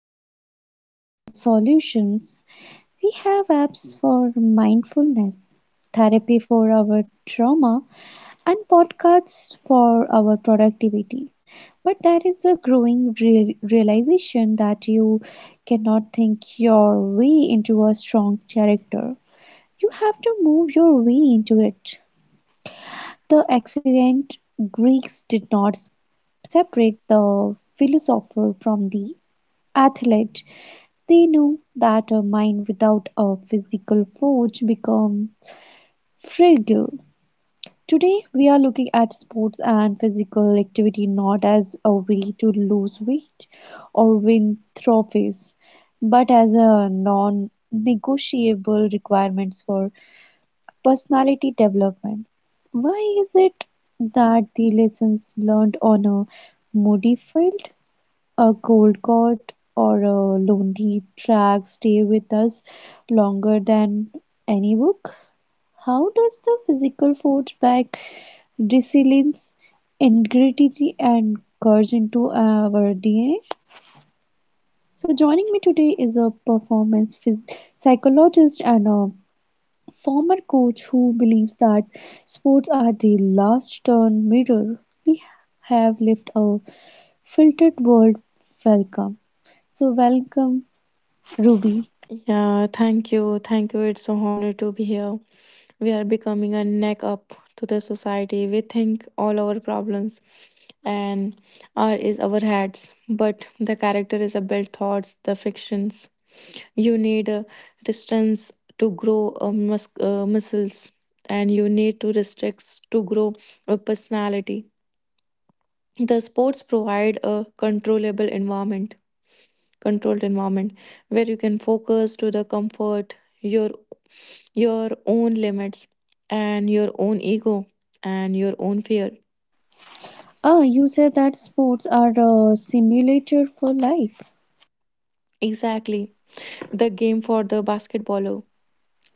era of mental solutions. We have apps for mindfulness, therapy for our trauma, and podcasts for our productivity. But there is a growing realization that you cannot think your way into a strong character. You have to move your way into it. The ancient Greeks did not separate the philosopher from the athlete. They know that a mind without a physical force becomes fragile. Today, we are looking at sports and physical activity not as a way to lose weight or win trophies, but as a non negotiable requirements for personality development. Why is it that the lessons learned on a moody field, a cold cot, or a lonely track stay with us longer than any book? How does the physical force back resilience, integrity, and courage into our DNA? So, joining me today is a performance psychologist and a former coach who believes that sports are the last turn mirror we have left a filtered world. Welcome. So, welcome Ruby. Yeah, thank you. Thank you. It's an honor to be here. We are becoming a neck up to the society. We think all our problems and our is our heads, but the character is a built thoughts, the fictions. You need a distance to grow a muscles, and you need to restricts to grow a personality. The sports provide a controlled environment where you can focus to the comfort your your own limits and your own ego and your own fear. You said that sports are a simulator for life. Exactly. The game for the basketballer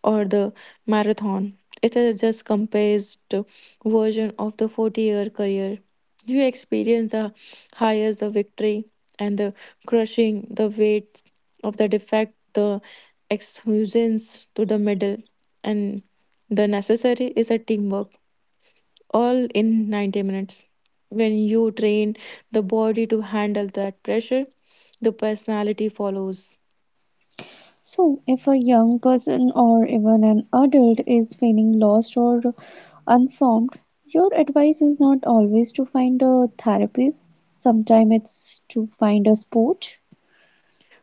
or the marathon. It is just compressed version of the 40-year career. You experience the highs, the victory, and the crushing, the weight of the defect, the exuberance to the middle, and the necessary is a teamwork all in 90 minutes. When you train the body to handle that pressure, the personality follows. So, if a young person or even an adult is feeling lost or unformed, your advice is not always to find a therapist. Sometimes it's to find a sport.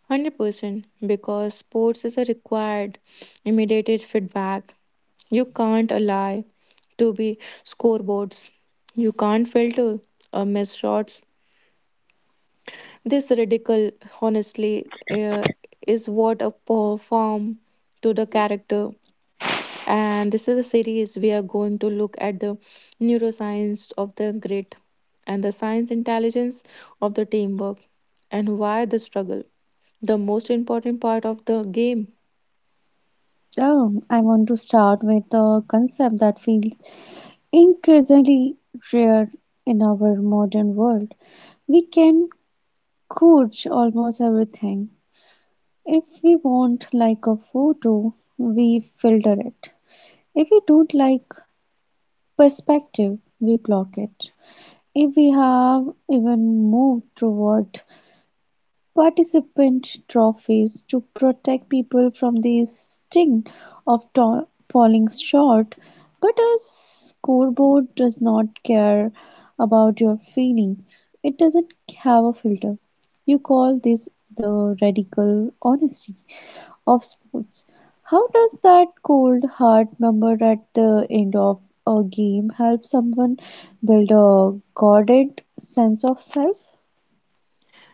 100% because sports is a required immediate feedback. You can't allow to be scoreboards. You can't filter missed shots. This radical, honestly, is what a perform to the character. And this is a series we are going to look at the neuroscience of the great and the science intelligence of the teamwork and why the struggle the most important part of the game. I want to start with a concept that feels increasingly rare in our modern world. We can coach almost everything. If we want like a photo, we filter it. If we don't like perspective, we block it. If we have even moved toward participant trophies to protect people from the sting of falling short, but a scoreboard does not care about your feelings. It doesn't have a filter. You call this the radical honesty of sports. How does that cold hard number at the end of a game help someone build a guarded sense of self?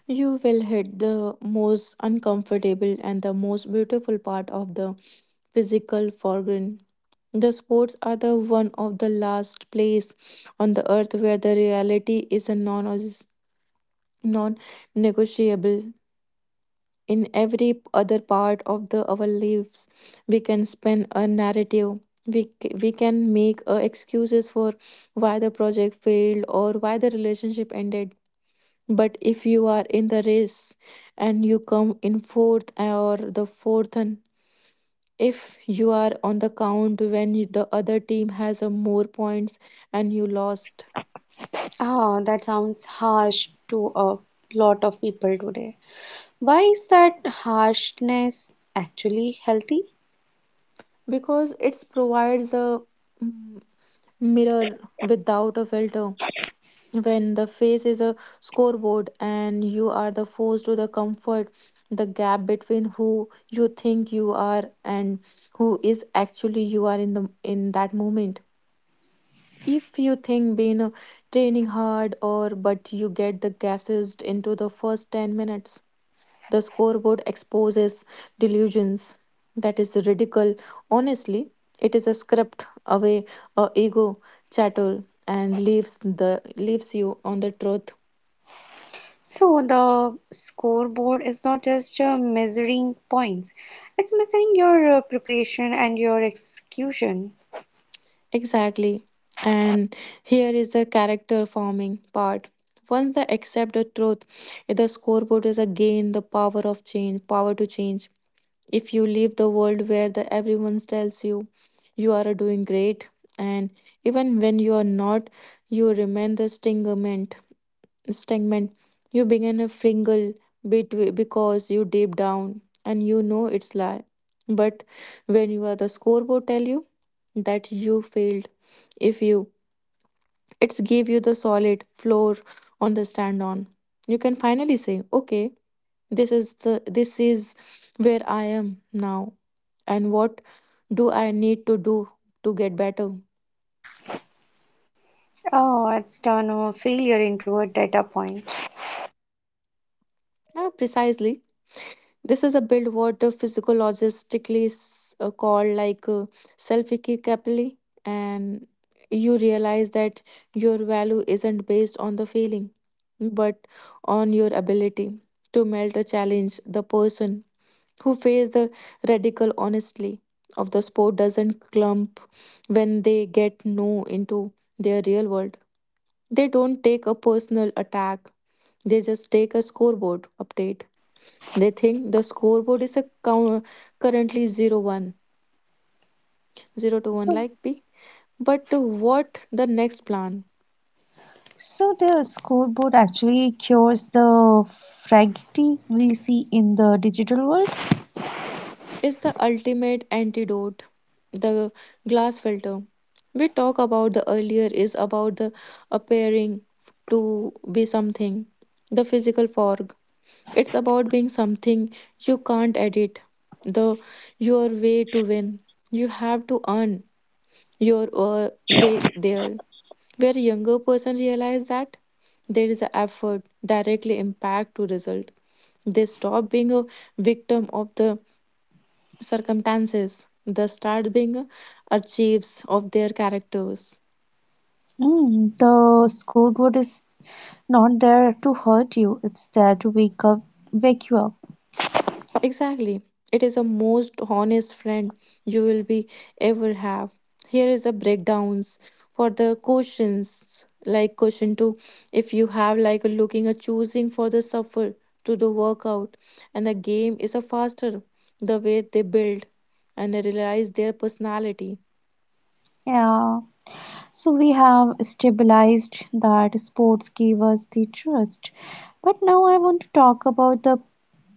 You will hit the most uncomfortable and the most beautiful part of the physical foreground. The sports are the one of the last place on the earth where the reality is a non negotiable in every other part of the our lives. We can spin a narrative. We we can make excuses for why the project failed or why the relationship ended, but if you are in the race and you come in fourth or the fourth, and if you are on the count when you- the other team has a more points and you lost Ah, that sounds harsh to a lot of people today. Why is that harshness actually healthy? because it provides a mm, mirror without a filter. When the face is a scoreboard and you are the force to the comfort, the gap between who you think you are and who is actually you are in the in that moment. If you think being training hard, or but you get the gases into the first 10 minutes, the scoreboard exposes delusions. That is radical honestly. It is a script away a ego chatter and leaves the leaves you on the truth. So, the scoreboard is not just measuring points, it's measuring your preparation and your execution. Exactly. And here is the character forming part. Once they accept the truth, the scoreboard is again the power to change. If you leave the world where the everyone tells you you are doing great, and even when you are not, you remain the stingerment stagnant. You begin a fringle between because you deep down and you know it's lie. But when you are the scoreboard tell you that you failed, if you it's give you the solid floor on the stand on. You can finally say, okay, this is where I am now and what do I need to do to get better? Oh, it's turned a failure into a data point. Yeah, precisely. This is a build what physiologically called like self-capability, and you realize that your value isn't based on the feeling, but on your ability to melt a challenge. The person who faces the radical honestly of the sport doesn't clump when they get no into their real world. They don't take a personal attack. They just take a scoreboard update. They think the scoreboard is a count, currently 0 one, zero to 1 like B. But what the next plan? So the scoreboard actually cures the fragility we see in the digital world. Is the ultimate antidote, the glass filter. We talk about the earlier is about the appearing to be something, the physical fog. It's about being something you can't edit, the your way to win. You have to earn your way there where a younger person realize that there is an effort directly impact to result. They stop being a victim of the circumstances. They start being a achieves of their characters. Mm, the scoreboard is not there to hurt you; it's there to wake you up. Exactly. It is the most honest friend you will be ever have. Here is a breakdowns for the questions like question two. If you have like a looking a choosing for the suffer to the workout and the game is a faster, the way they build and they realize their personality. Yeah. So we have stabilized that sports gave us the trust, but now I want to talk about the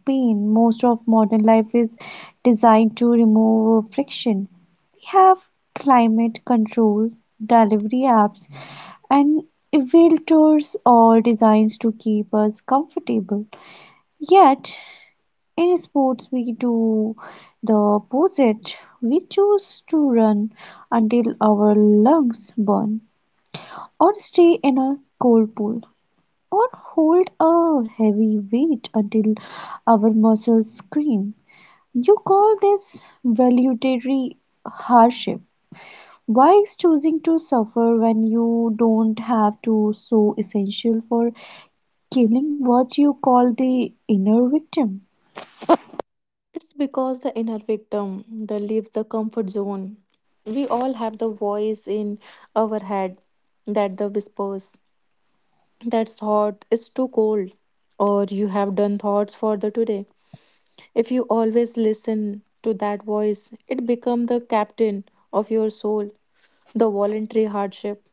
pain. Most of modern life is designed to remove friction. We have climate control, delivery apps, and Veltors all designed to keep us comfortable. Yet, in sports, we do the opposite. We choose to run until our lungs burn, or stay in a cold pool, or hold a heavy weight until our muscles scream. You call this voluntary hardship. Why is choosing to suffer when you don't have to so essential for killing what you call the inner victim? It's because the inner victim that leaves the comfort zone. We all have the voice in our head that the whispers that thought is too cold or you have done thoughts for the today. If you always listen to that voice, it become the captain of your soul. The voluntary hardship,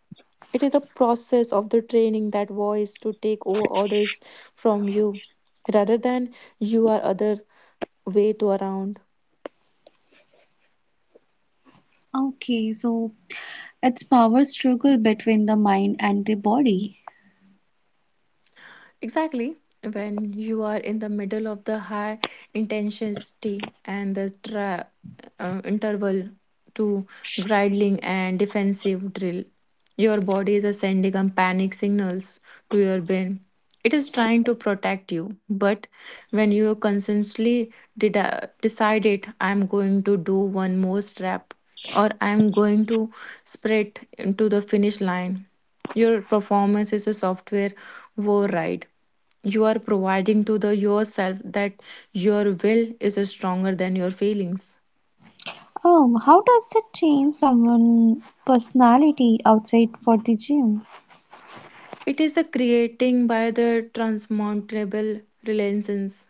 it is the process of the training that voice to take over orders from you rather than you are other way to around. Okay, so it's power struggle between the mind and the body. Exactly. When you are in the middle of the high intensity and the interval to gridling and defensive drill, your body is sending a panic signals to your brain. It is trying to protect you, but when you consciously decided, I'm going to do one more strap, or I'm going to sprint into the finish line, your performance is a software war ride. You are providing to the yourself that your will is stronger than your feelings. How does it change someone's personality outside for the gym? It is a creating by the transmountable relations.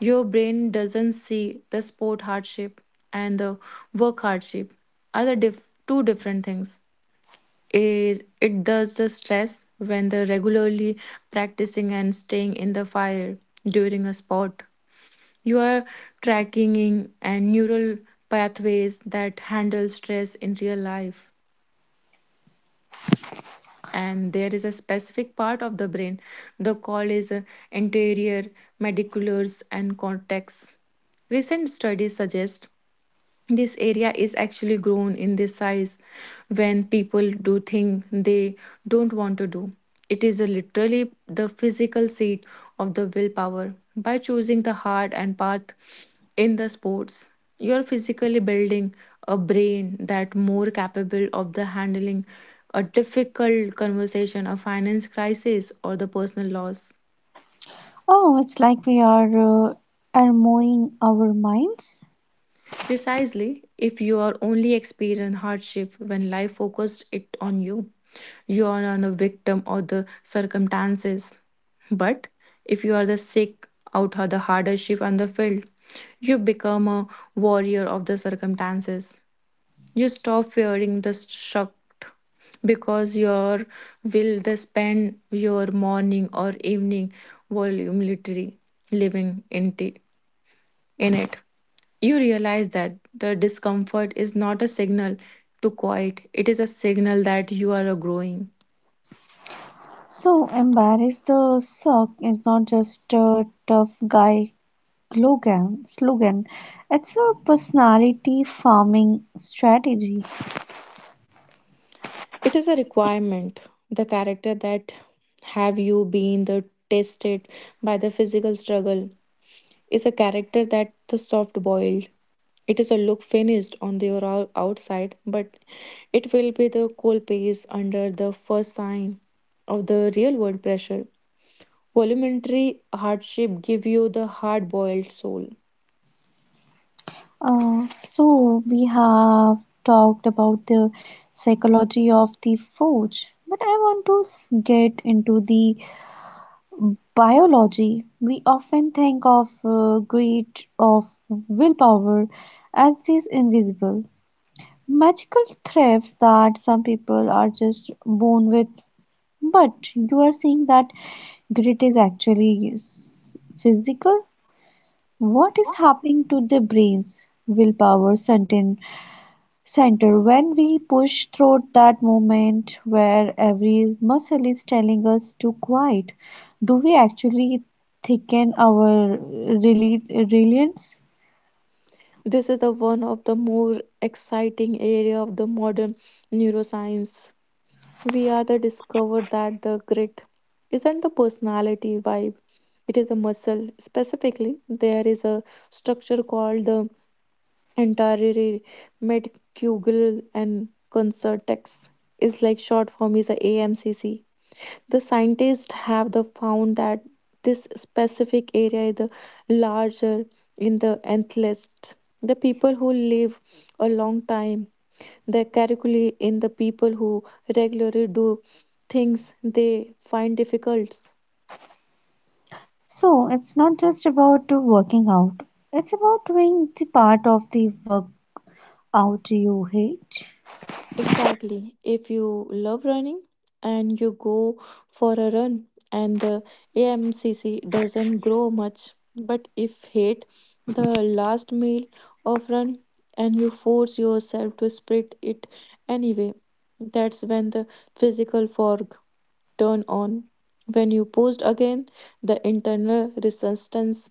Your brain doesn't see the sport hardship and the work hardship are the two different things. Is it does the stress when the regularly practicing and staying in the fire during a sport. You are tracking and neural pathways that handle stress in real life. And there is a specific part of the brain. The call is anterior, mediculars, and cortex. Recent studies suggest this area is actually grown in this size when people do things they don't want to do. It is a literally the physical seat of the willpower by choosing the heart and path in the sports. You are physically building a brain that more capable of the handling a difficult conversation, a finance crisis, or the personal loss. Oh, it's like we are armoring our minds. Precisely, if you are only experience hardship when life focused it on you, you are not a victim of the circumstances. But if you are the sick out of the hardship and the field, you become a warrior of the circumstances. You stop fearing the shock because your will they spend your morning or evening voluntarily living in it. You realize that the discomfort is not a signal to quit, it is a signal that you are a growing. So, embarrass the suck is not just a tough guy slogan. It's a personality farming strategy. It is a requirement. The character that have you been the tested by the physical struggle is a character that the soft boiled. It is a look finished on the outside, but it will be the cold paste under the first sign of the real world pressure. Voluntary hardship give you the hard-boiled soul. So we have talked about the psychology of the forge, but I want to get into the biology. We often think of greed of willpower as these invisible magical threats that some people are just born with, but you are saying that grit is actually physical. What is happening to the brains? Willpower, certain center, when we push through that moment where every muscle is telling us to quiet, do we actually thicken our resilience? This is the one of the more exciting area of the modern neuroscience. We are the discover that the grit isn't the personality vibe. It is a muscle. Specifically, there is a structure called the anterior metacugal and concertex. It's like short form is a AMCC. The scientists have the found that this specific area is the larger in the athletes. The people who live a long time, they calculate in the people who regularly do things they find difficult. So it's not just about working out, it's about doing the part of the workout you hate. Exactly. If you love running and you go for a run and the AMCC doesn't grow much, but if hate the last mile of run and you force yourself to sprint it anyway, that's when the physical fog turn on. When you post again, the internal resistance,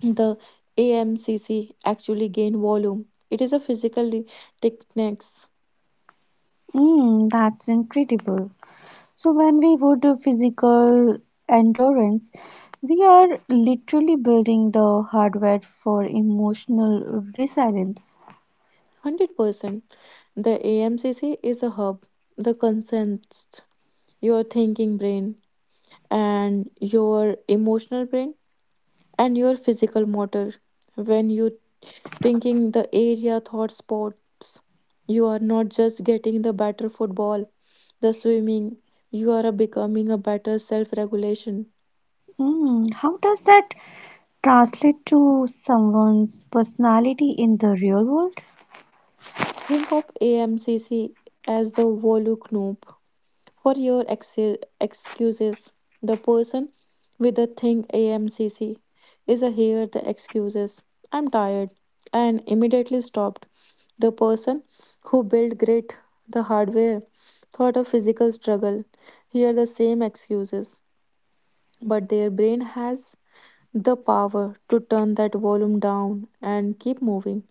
the AMCC actually gain volume. It is a physical technique. Mm, that's incredible. So, when we would do physical endurance, we are literally building the hardware for emotional resilience. 100%. The AMCC is a hub, the consents, your thinking brain, and your emotional brain, and your physical motor. When you thinking the area thought spots, you are not just getting the better football, the swimming, you are becoming a better self regulation. Hmm. How does that translate to someone's personality in the real world? Think of AMCC as the Volu Knoop. For your excuses, the person with the thing AMCC is a here the excuses. I'm tired and immediately stopped. The person who built great the hardware thought of physical struggle. Here the same excuses, but their brain has the power to turn that volume down and keep moving.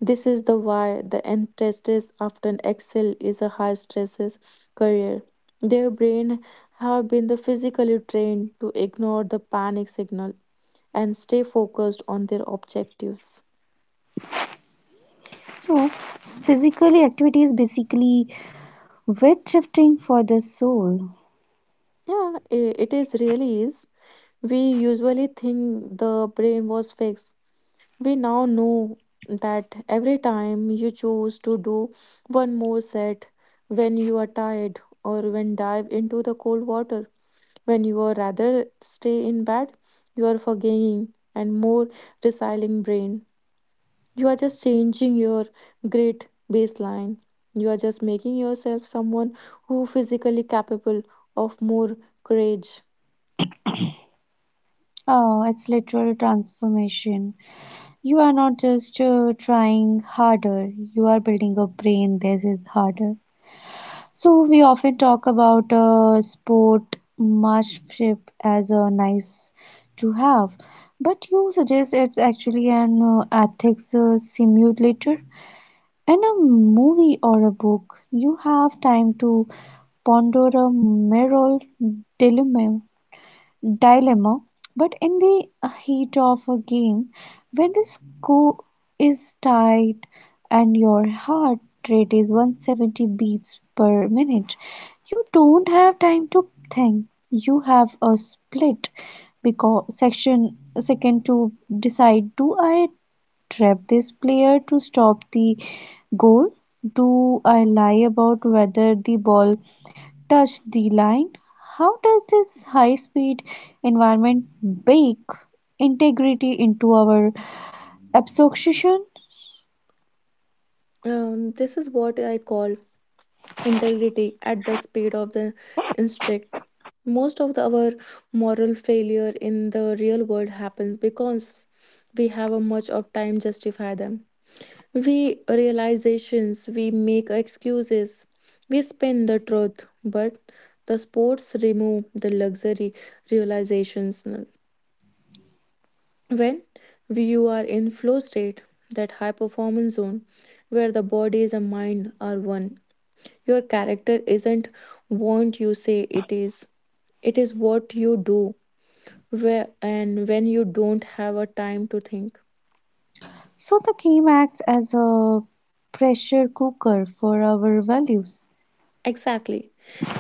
This is the why the apprentices often excel is a high stresses career. Their brain have been the physically trained to ignore the panic signal and stay focused on their objectives. So, physically activity is basically weight shifting for the soul. Yeah, it is really is. We usually think the brain was fixed. We now know that every time you choose to do one more set when you are tired or when dive into the cold water, when you are rather stay in bed, you are forgiving and more resilient brain. You are just changing your great baseline. You are just making yourself someone who physically capable of more courage. Oh, it's literal transformation. You are not just trying harder, you are building a brain that is harder. So we often talk about sport marship as a nice to have, but you suggest it's actually an ethics simulator. In a movie or a book, you have time to ponder a moral dilemma, dilemma. But in the heat of a game, when the score is tight and your heart rate is 170 beats per minute, you don't have time to think. You have a split because section second to decide, do I trap this player to stop the goal? Do I lie about whether the ball touched the line? How does this high speed environment bake integrity into our absorption? This is what I call integrity at the speed of the instinct. Most of our moral failure in the real world happens because we have a much of time justify them. We realizations, we make excuses, we spin the truth, but the sports remove the luxury realizations. When you are in flow state, that high performance zone where the bodies and mind are one, your character isn't what you say it is what you do where, and when you don't have a time to think. So the game acts as a pressure cooker for our values. Exactly.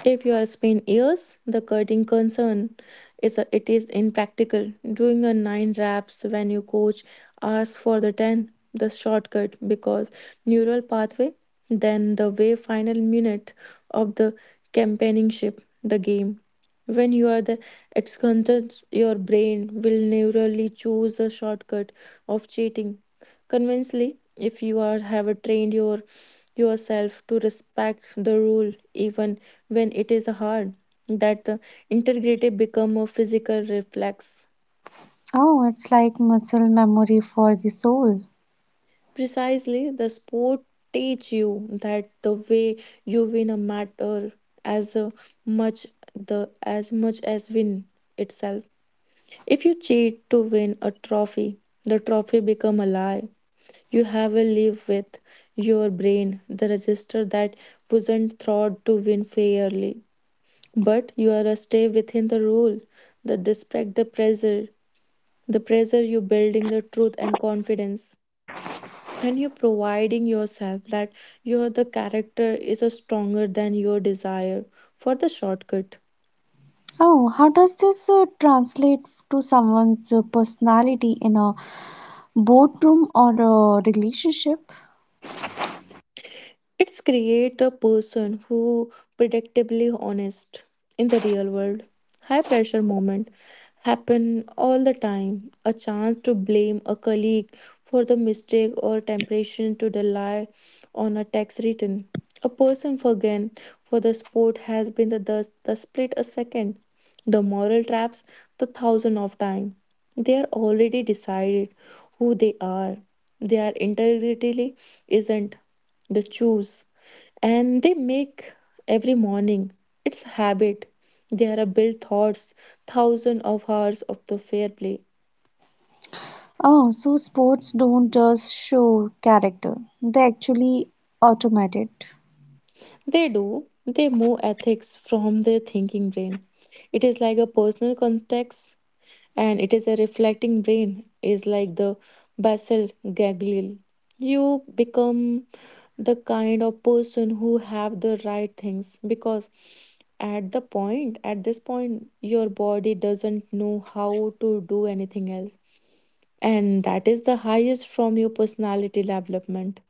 If you are Spain ears, the cutting concern is a, it is impractical. Doing a nine reps when your coach asks for the ten, the shortcut because neural pathway, then the way final minute of the campaigning the game. When you are the excontent, your brain will neurally choose the shortcut of cheating. Convincingly if you are have trained your yourself to respect the rule even when it is hard that the integrity become a physical reflex. Oh, it's like muscle memory for the soul. Precisely the sport teach you that the way you win a matter as much the as much as win itself. If you cheat to win a trophy the trophy become a lie. You have a live with your brain, the register that wasn't thought to win fairly. But you are a stay within the rule, the despite the pressure you building the truth and confidence. And you providing yourself that your the character is a stronger than your desire for the shortcut. Oh, how does this translate to someone's personality in a boardroom or a relationship? It's create a person who predictably honest in the real world. High pressure moment happen all the time. A chance to blame a colleague for the mistake or temptation to rely on a text written. A person forgotten for the sport has been the split a second. The moral traps the thousand of time. They are already decided who they are. Their integrity isn't the choose and they make every morning. It's habit. There are built thoughts, thousands of hours of the fair play. Oh, so sports don't just show character, they actually automate it. They do. They move ethics from their thinking brain. It is like a personal context and it is a reflecting brain is like the basal ganglia. You become the kind of person who have the right things because at the point at this point your body doesn't know how to do anything else, and that is the highest from your personality development.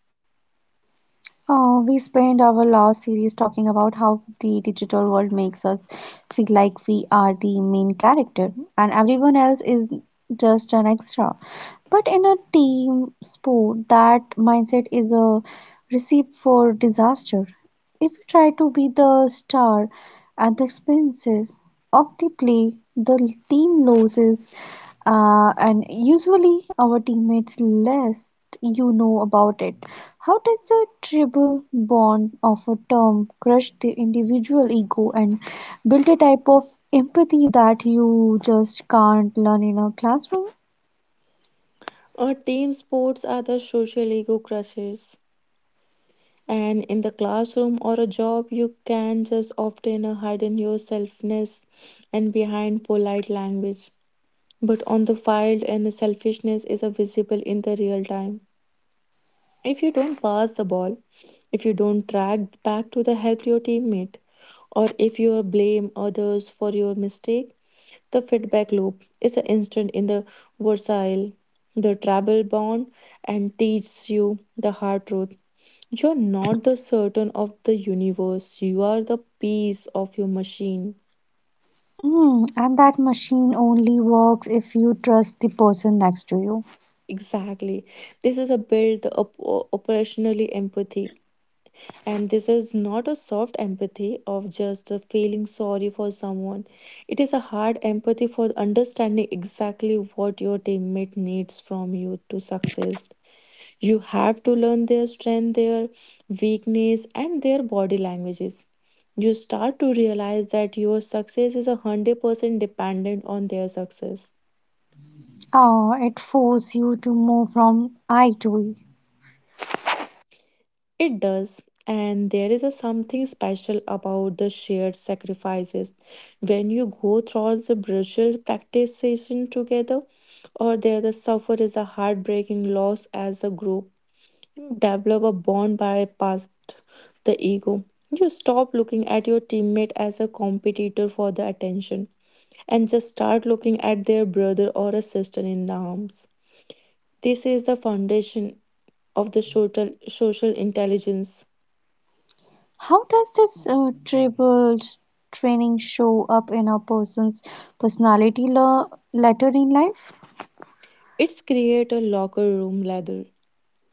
We spent our last series talking about how the digital world makes us feel like we are the main character and everyone else is just an extra. But in a team sport, that mindset is a recipe for disaster. If you try to be the star at the expenses of the play, the team loses, and usually our teammates less you know about it. How does the tribal bond of a term crush the individual ego and build a type of empathy that you just can't learn in a classroom? Team sports are the social ego crushes, and in the classroom or a job you can just often hide in your selfness and behind polite language, but on the field, and the selfishness is visible in the real time. If you don't pass the ball, if you don't track back to the help your teammate, or if you blame others for your mistake, the feedback loop is an instant in the versatile, the travel bond, and teaches you the hard truth. You're not the certain of the universe, you are the piece of your machine. Mm, and that machine only works if you trust the person next to you. Exactly. This is a build up operationally empathy. And this is not a soft empathy of just feeling sorry for someone. It is a hard empathy for understanding exactly what your teammate needs from you to succeed. You have to learn their strength, their weakness, and their body languages. You start to realize that your success is 100% dependent on their success. Oh, it forces you to move from I to we. It does, and there is a something special about the shared sacrifices. When you go through the brutal practice session together, or there the suffer is a heartbreaking loss as a group, you develop a bond by past the ego. You stop looking at your teammate as a competitor for the attention and just start looking at their brother or a sister in the arms. This is the foundation of the social intelligence. How does this tribals training show up in a person's personality later in life? It's create a locker room ladder.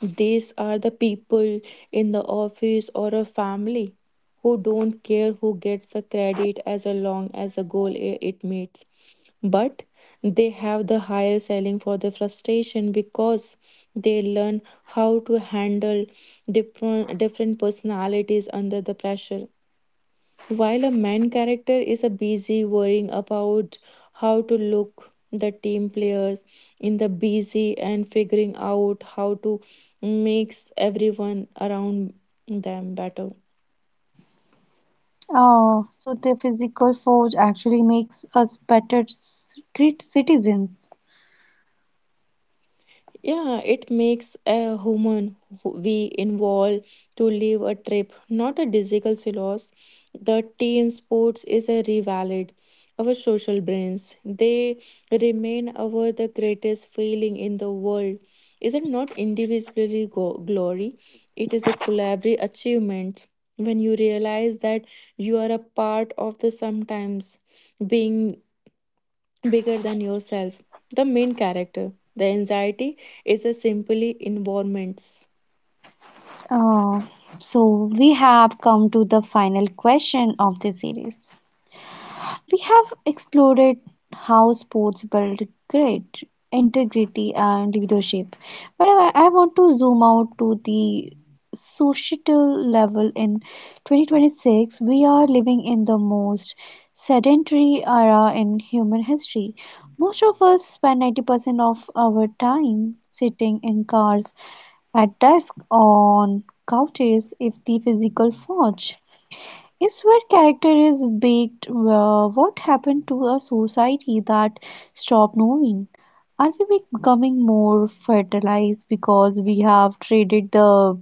These are the people in the office or a family who don't care who gets the credit as long as the goal it meets. But they have the higher ceiling for the frustration because they learn how to handle different personalities under the pressure, while a main character is a busy worrying about how to look, the team players in the busy and figuring out how to makes everyone around them better. Oh, so the physical force actually makes us better great citizens. Yeah, it makes a human who we involve to live a trip, not a digital silos. The team sports is a revalid. Our social brains, they remain our the greatest feeling in the world. Is it not individually glory? It is a collaborative achievement. When you realize that you are a part of the sometimes being bigger than yourself. The main character. The anxiety is a simply environment. Oh, so we have come to the final question of the series. We have explored how sports build great integrity and leadership, but I want to zoom out to the societal level in 2026. We are living in the most sedentary era in human history. Most of us spend 90% of our time sitting in cars, at desks, on couches, if the physical forge is where character is baked. Well, what happened to a society that stopped knowing? Are we becoming more fertilized because we have traded the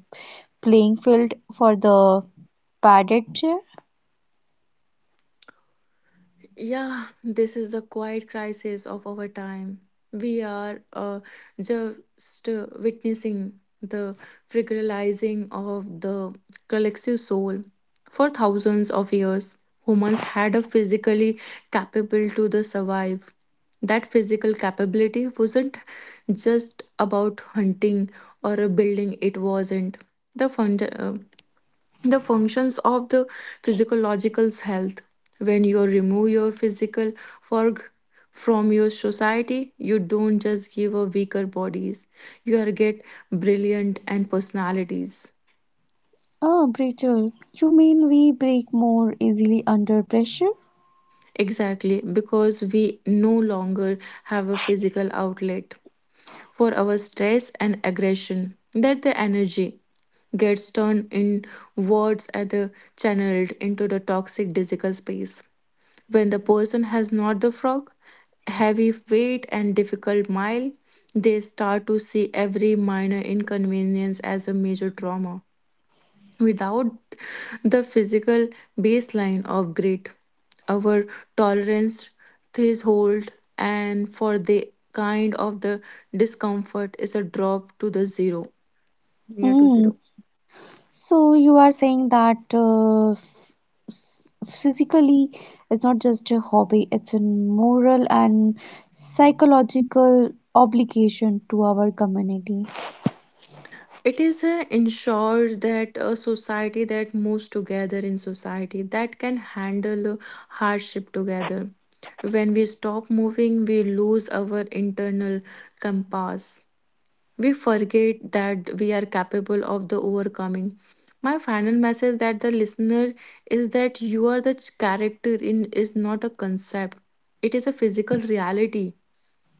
playing field for the padded chair? Yeah, this is the quiet crisis of our time. We are just witnessing the fragilizing of the collective soul. For thousands of years, humans had a physically capable to the survive. That physical capability wasn't just about hunting or building. It wasn't the fund. The functions of the physiological's health. When you remove your physical fog from your society you don't just give a weaker bodies, you are get brilliant and personalities. Ah, brittle. You mean we break more easily under pressure? Exactly, because we no longer have a physical outlet for our stress and aggression that the energy gets turned in words and the channeled into the toxic digital space. When the person has not the frock, heavy weight, and difficult mile, they start to see every minor inconvenience as a major trauma. Without the physical baseline of grit, our tolerance threshold and for the kind of the discomfort is a drop to the zero, near to Mm, zero. so you are saying that physically it's not just a hobby, it's a moral and psychological obligation to our community. It is ensure that a society that moves together in society that can handle hardship together. When we stop moving, we lose our internal compass. We forget that we are capable of the overcoming. My final message that the listener is that you are the character in is not a concept. It is a physical reality.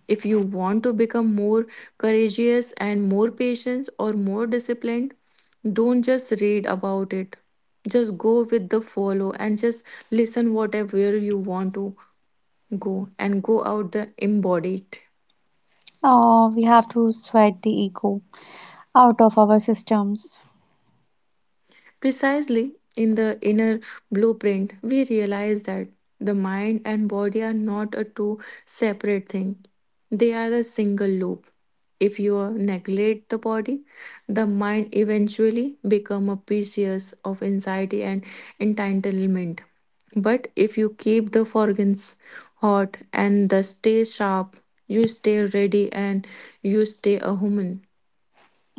If you want to become more courageous and more patient or more disciplined, don't just read about it. Just go with the follow and just listen whatever you want to go and go out the it. We have to sweat the ego out of our systems. Precisely in the inner blueprint, we realize that the mind and body are not a two separate thing. They are a single loop. If you neglect the body, the mind eventually become a pieces of anxiety and entitlement. But if you keep the organs hot and the stay sharp, you stay ready and you stay a human.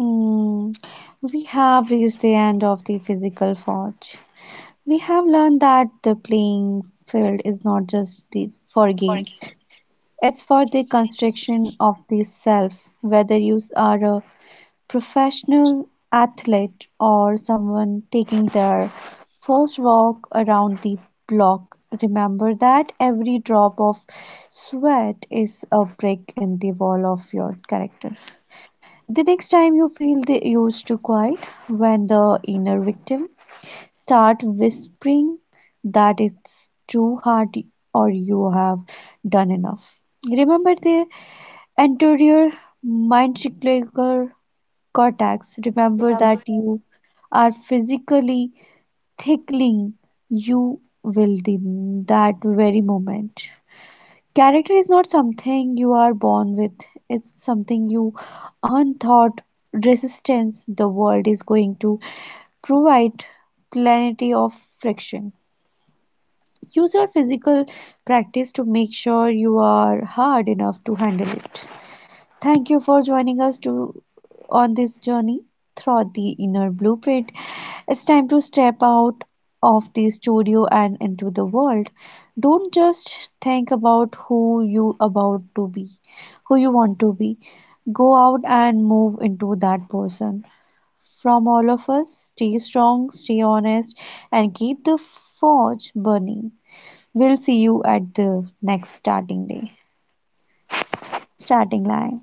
Mm, we have reached the end of the physical forge. We have learned that the playing field is not just the, for games, it's for the construction of the self. Whether you are a professional athlete or someone taking their first walk around the block, remember that every drop of sweat is a brick in the wall of your character. The next time you feel the urge to quiet, when the inner victim start whispering that it's too hard or you have done enough, remember the anterior mind cyclical Cortex, remember that you are physically tickling you will in that very moment. Character is not something you are born with, it's something you unthought resistance the world is going to provide plenty of friction. Use your physical practice to make sure you are hard enough to handle it. Thank you for joining us to on this journey through the inner blueprint. It's time to step out of the studio and into the world. Don't just think about who you about to be, who you want to be. Go out and move into that person. From all of us, stay strong, stay honest, and keep the forge burning. We'll see you at the next starting line.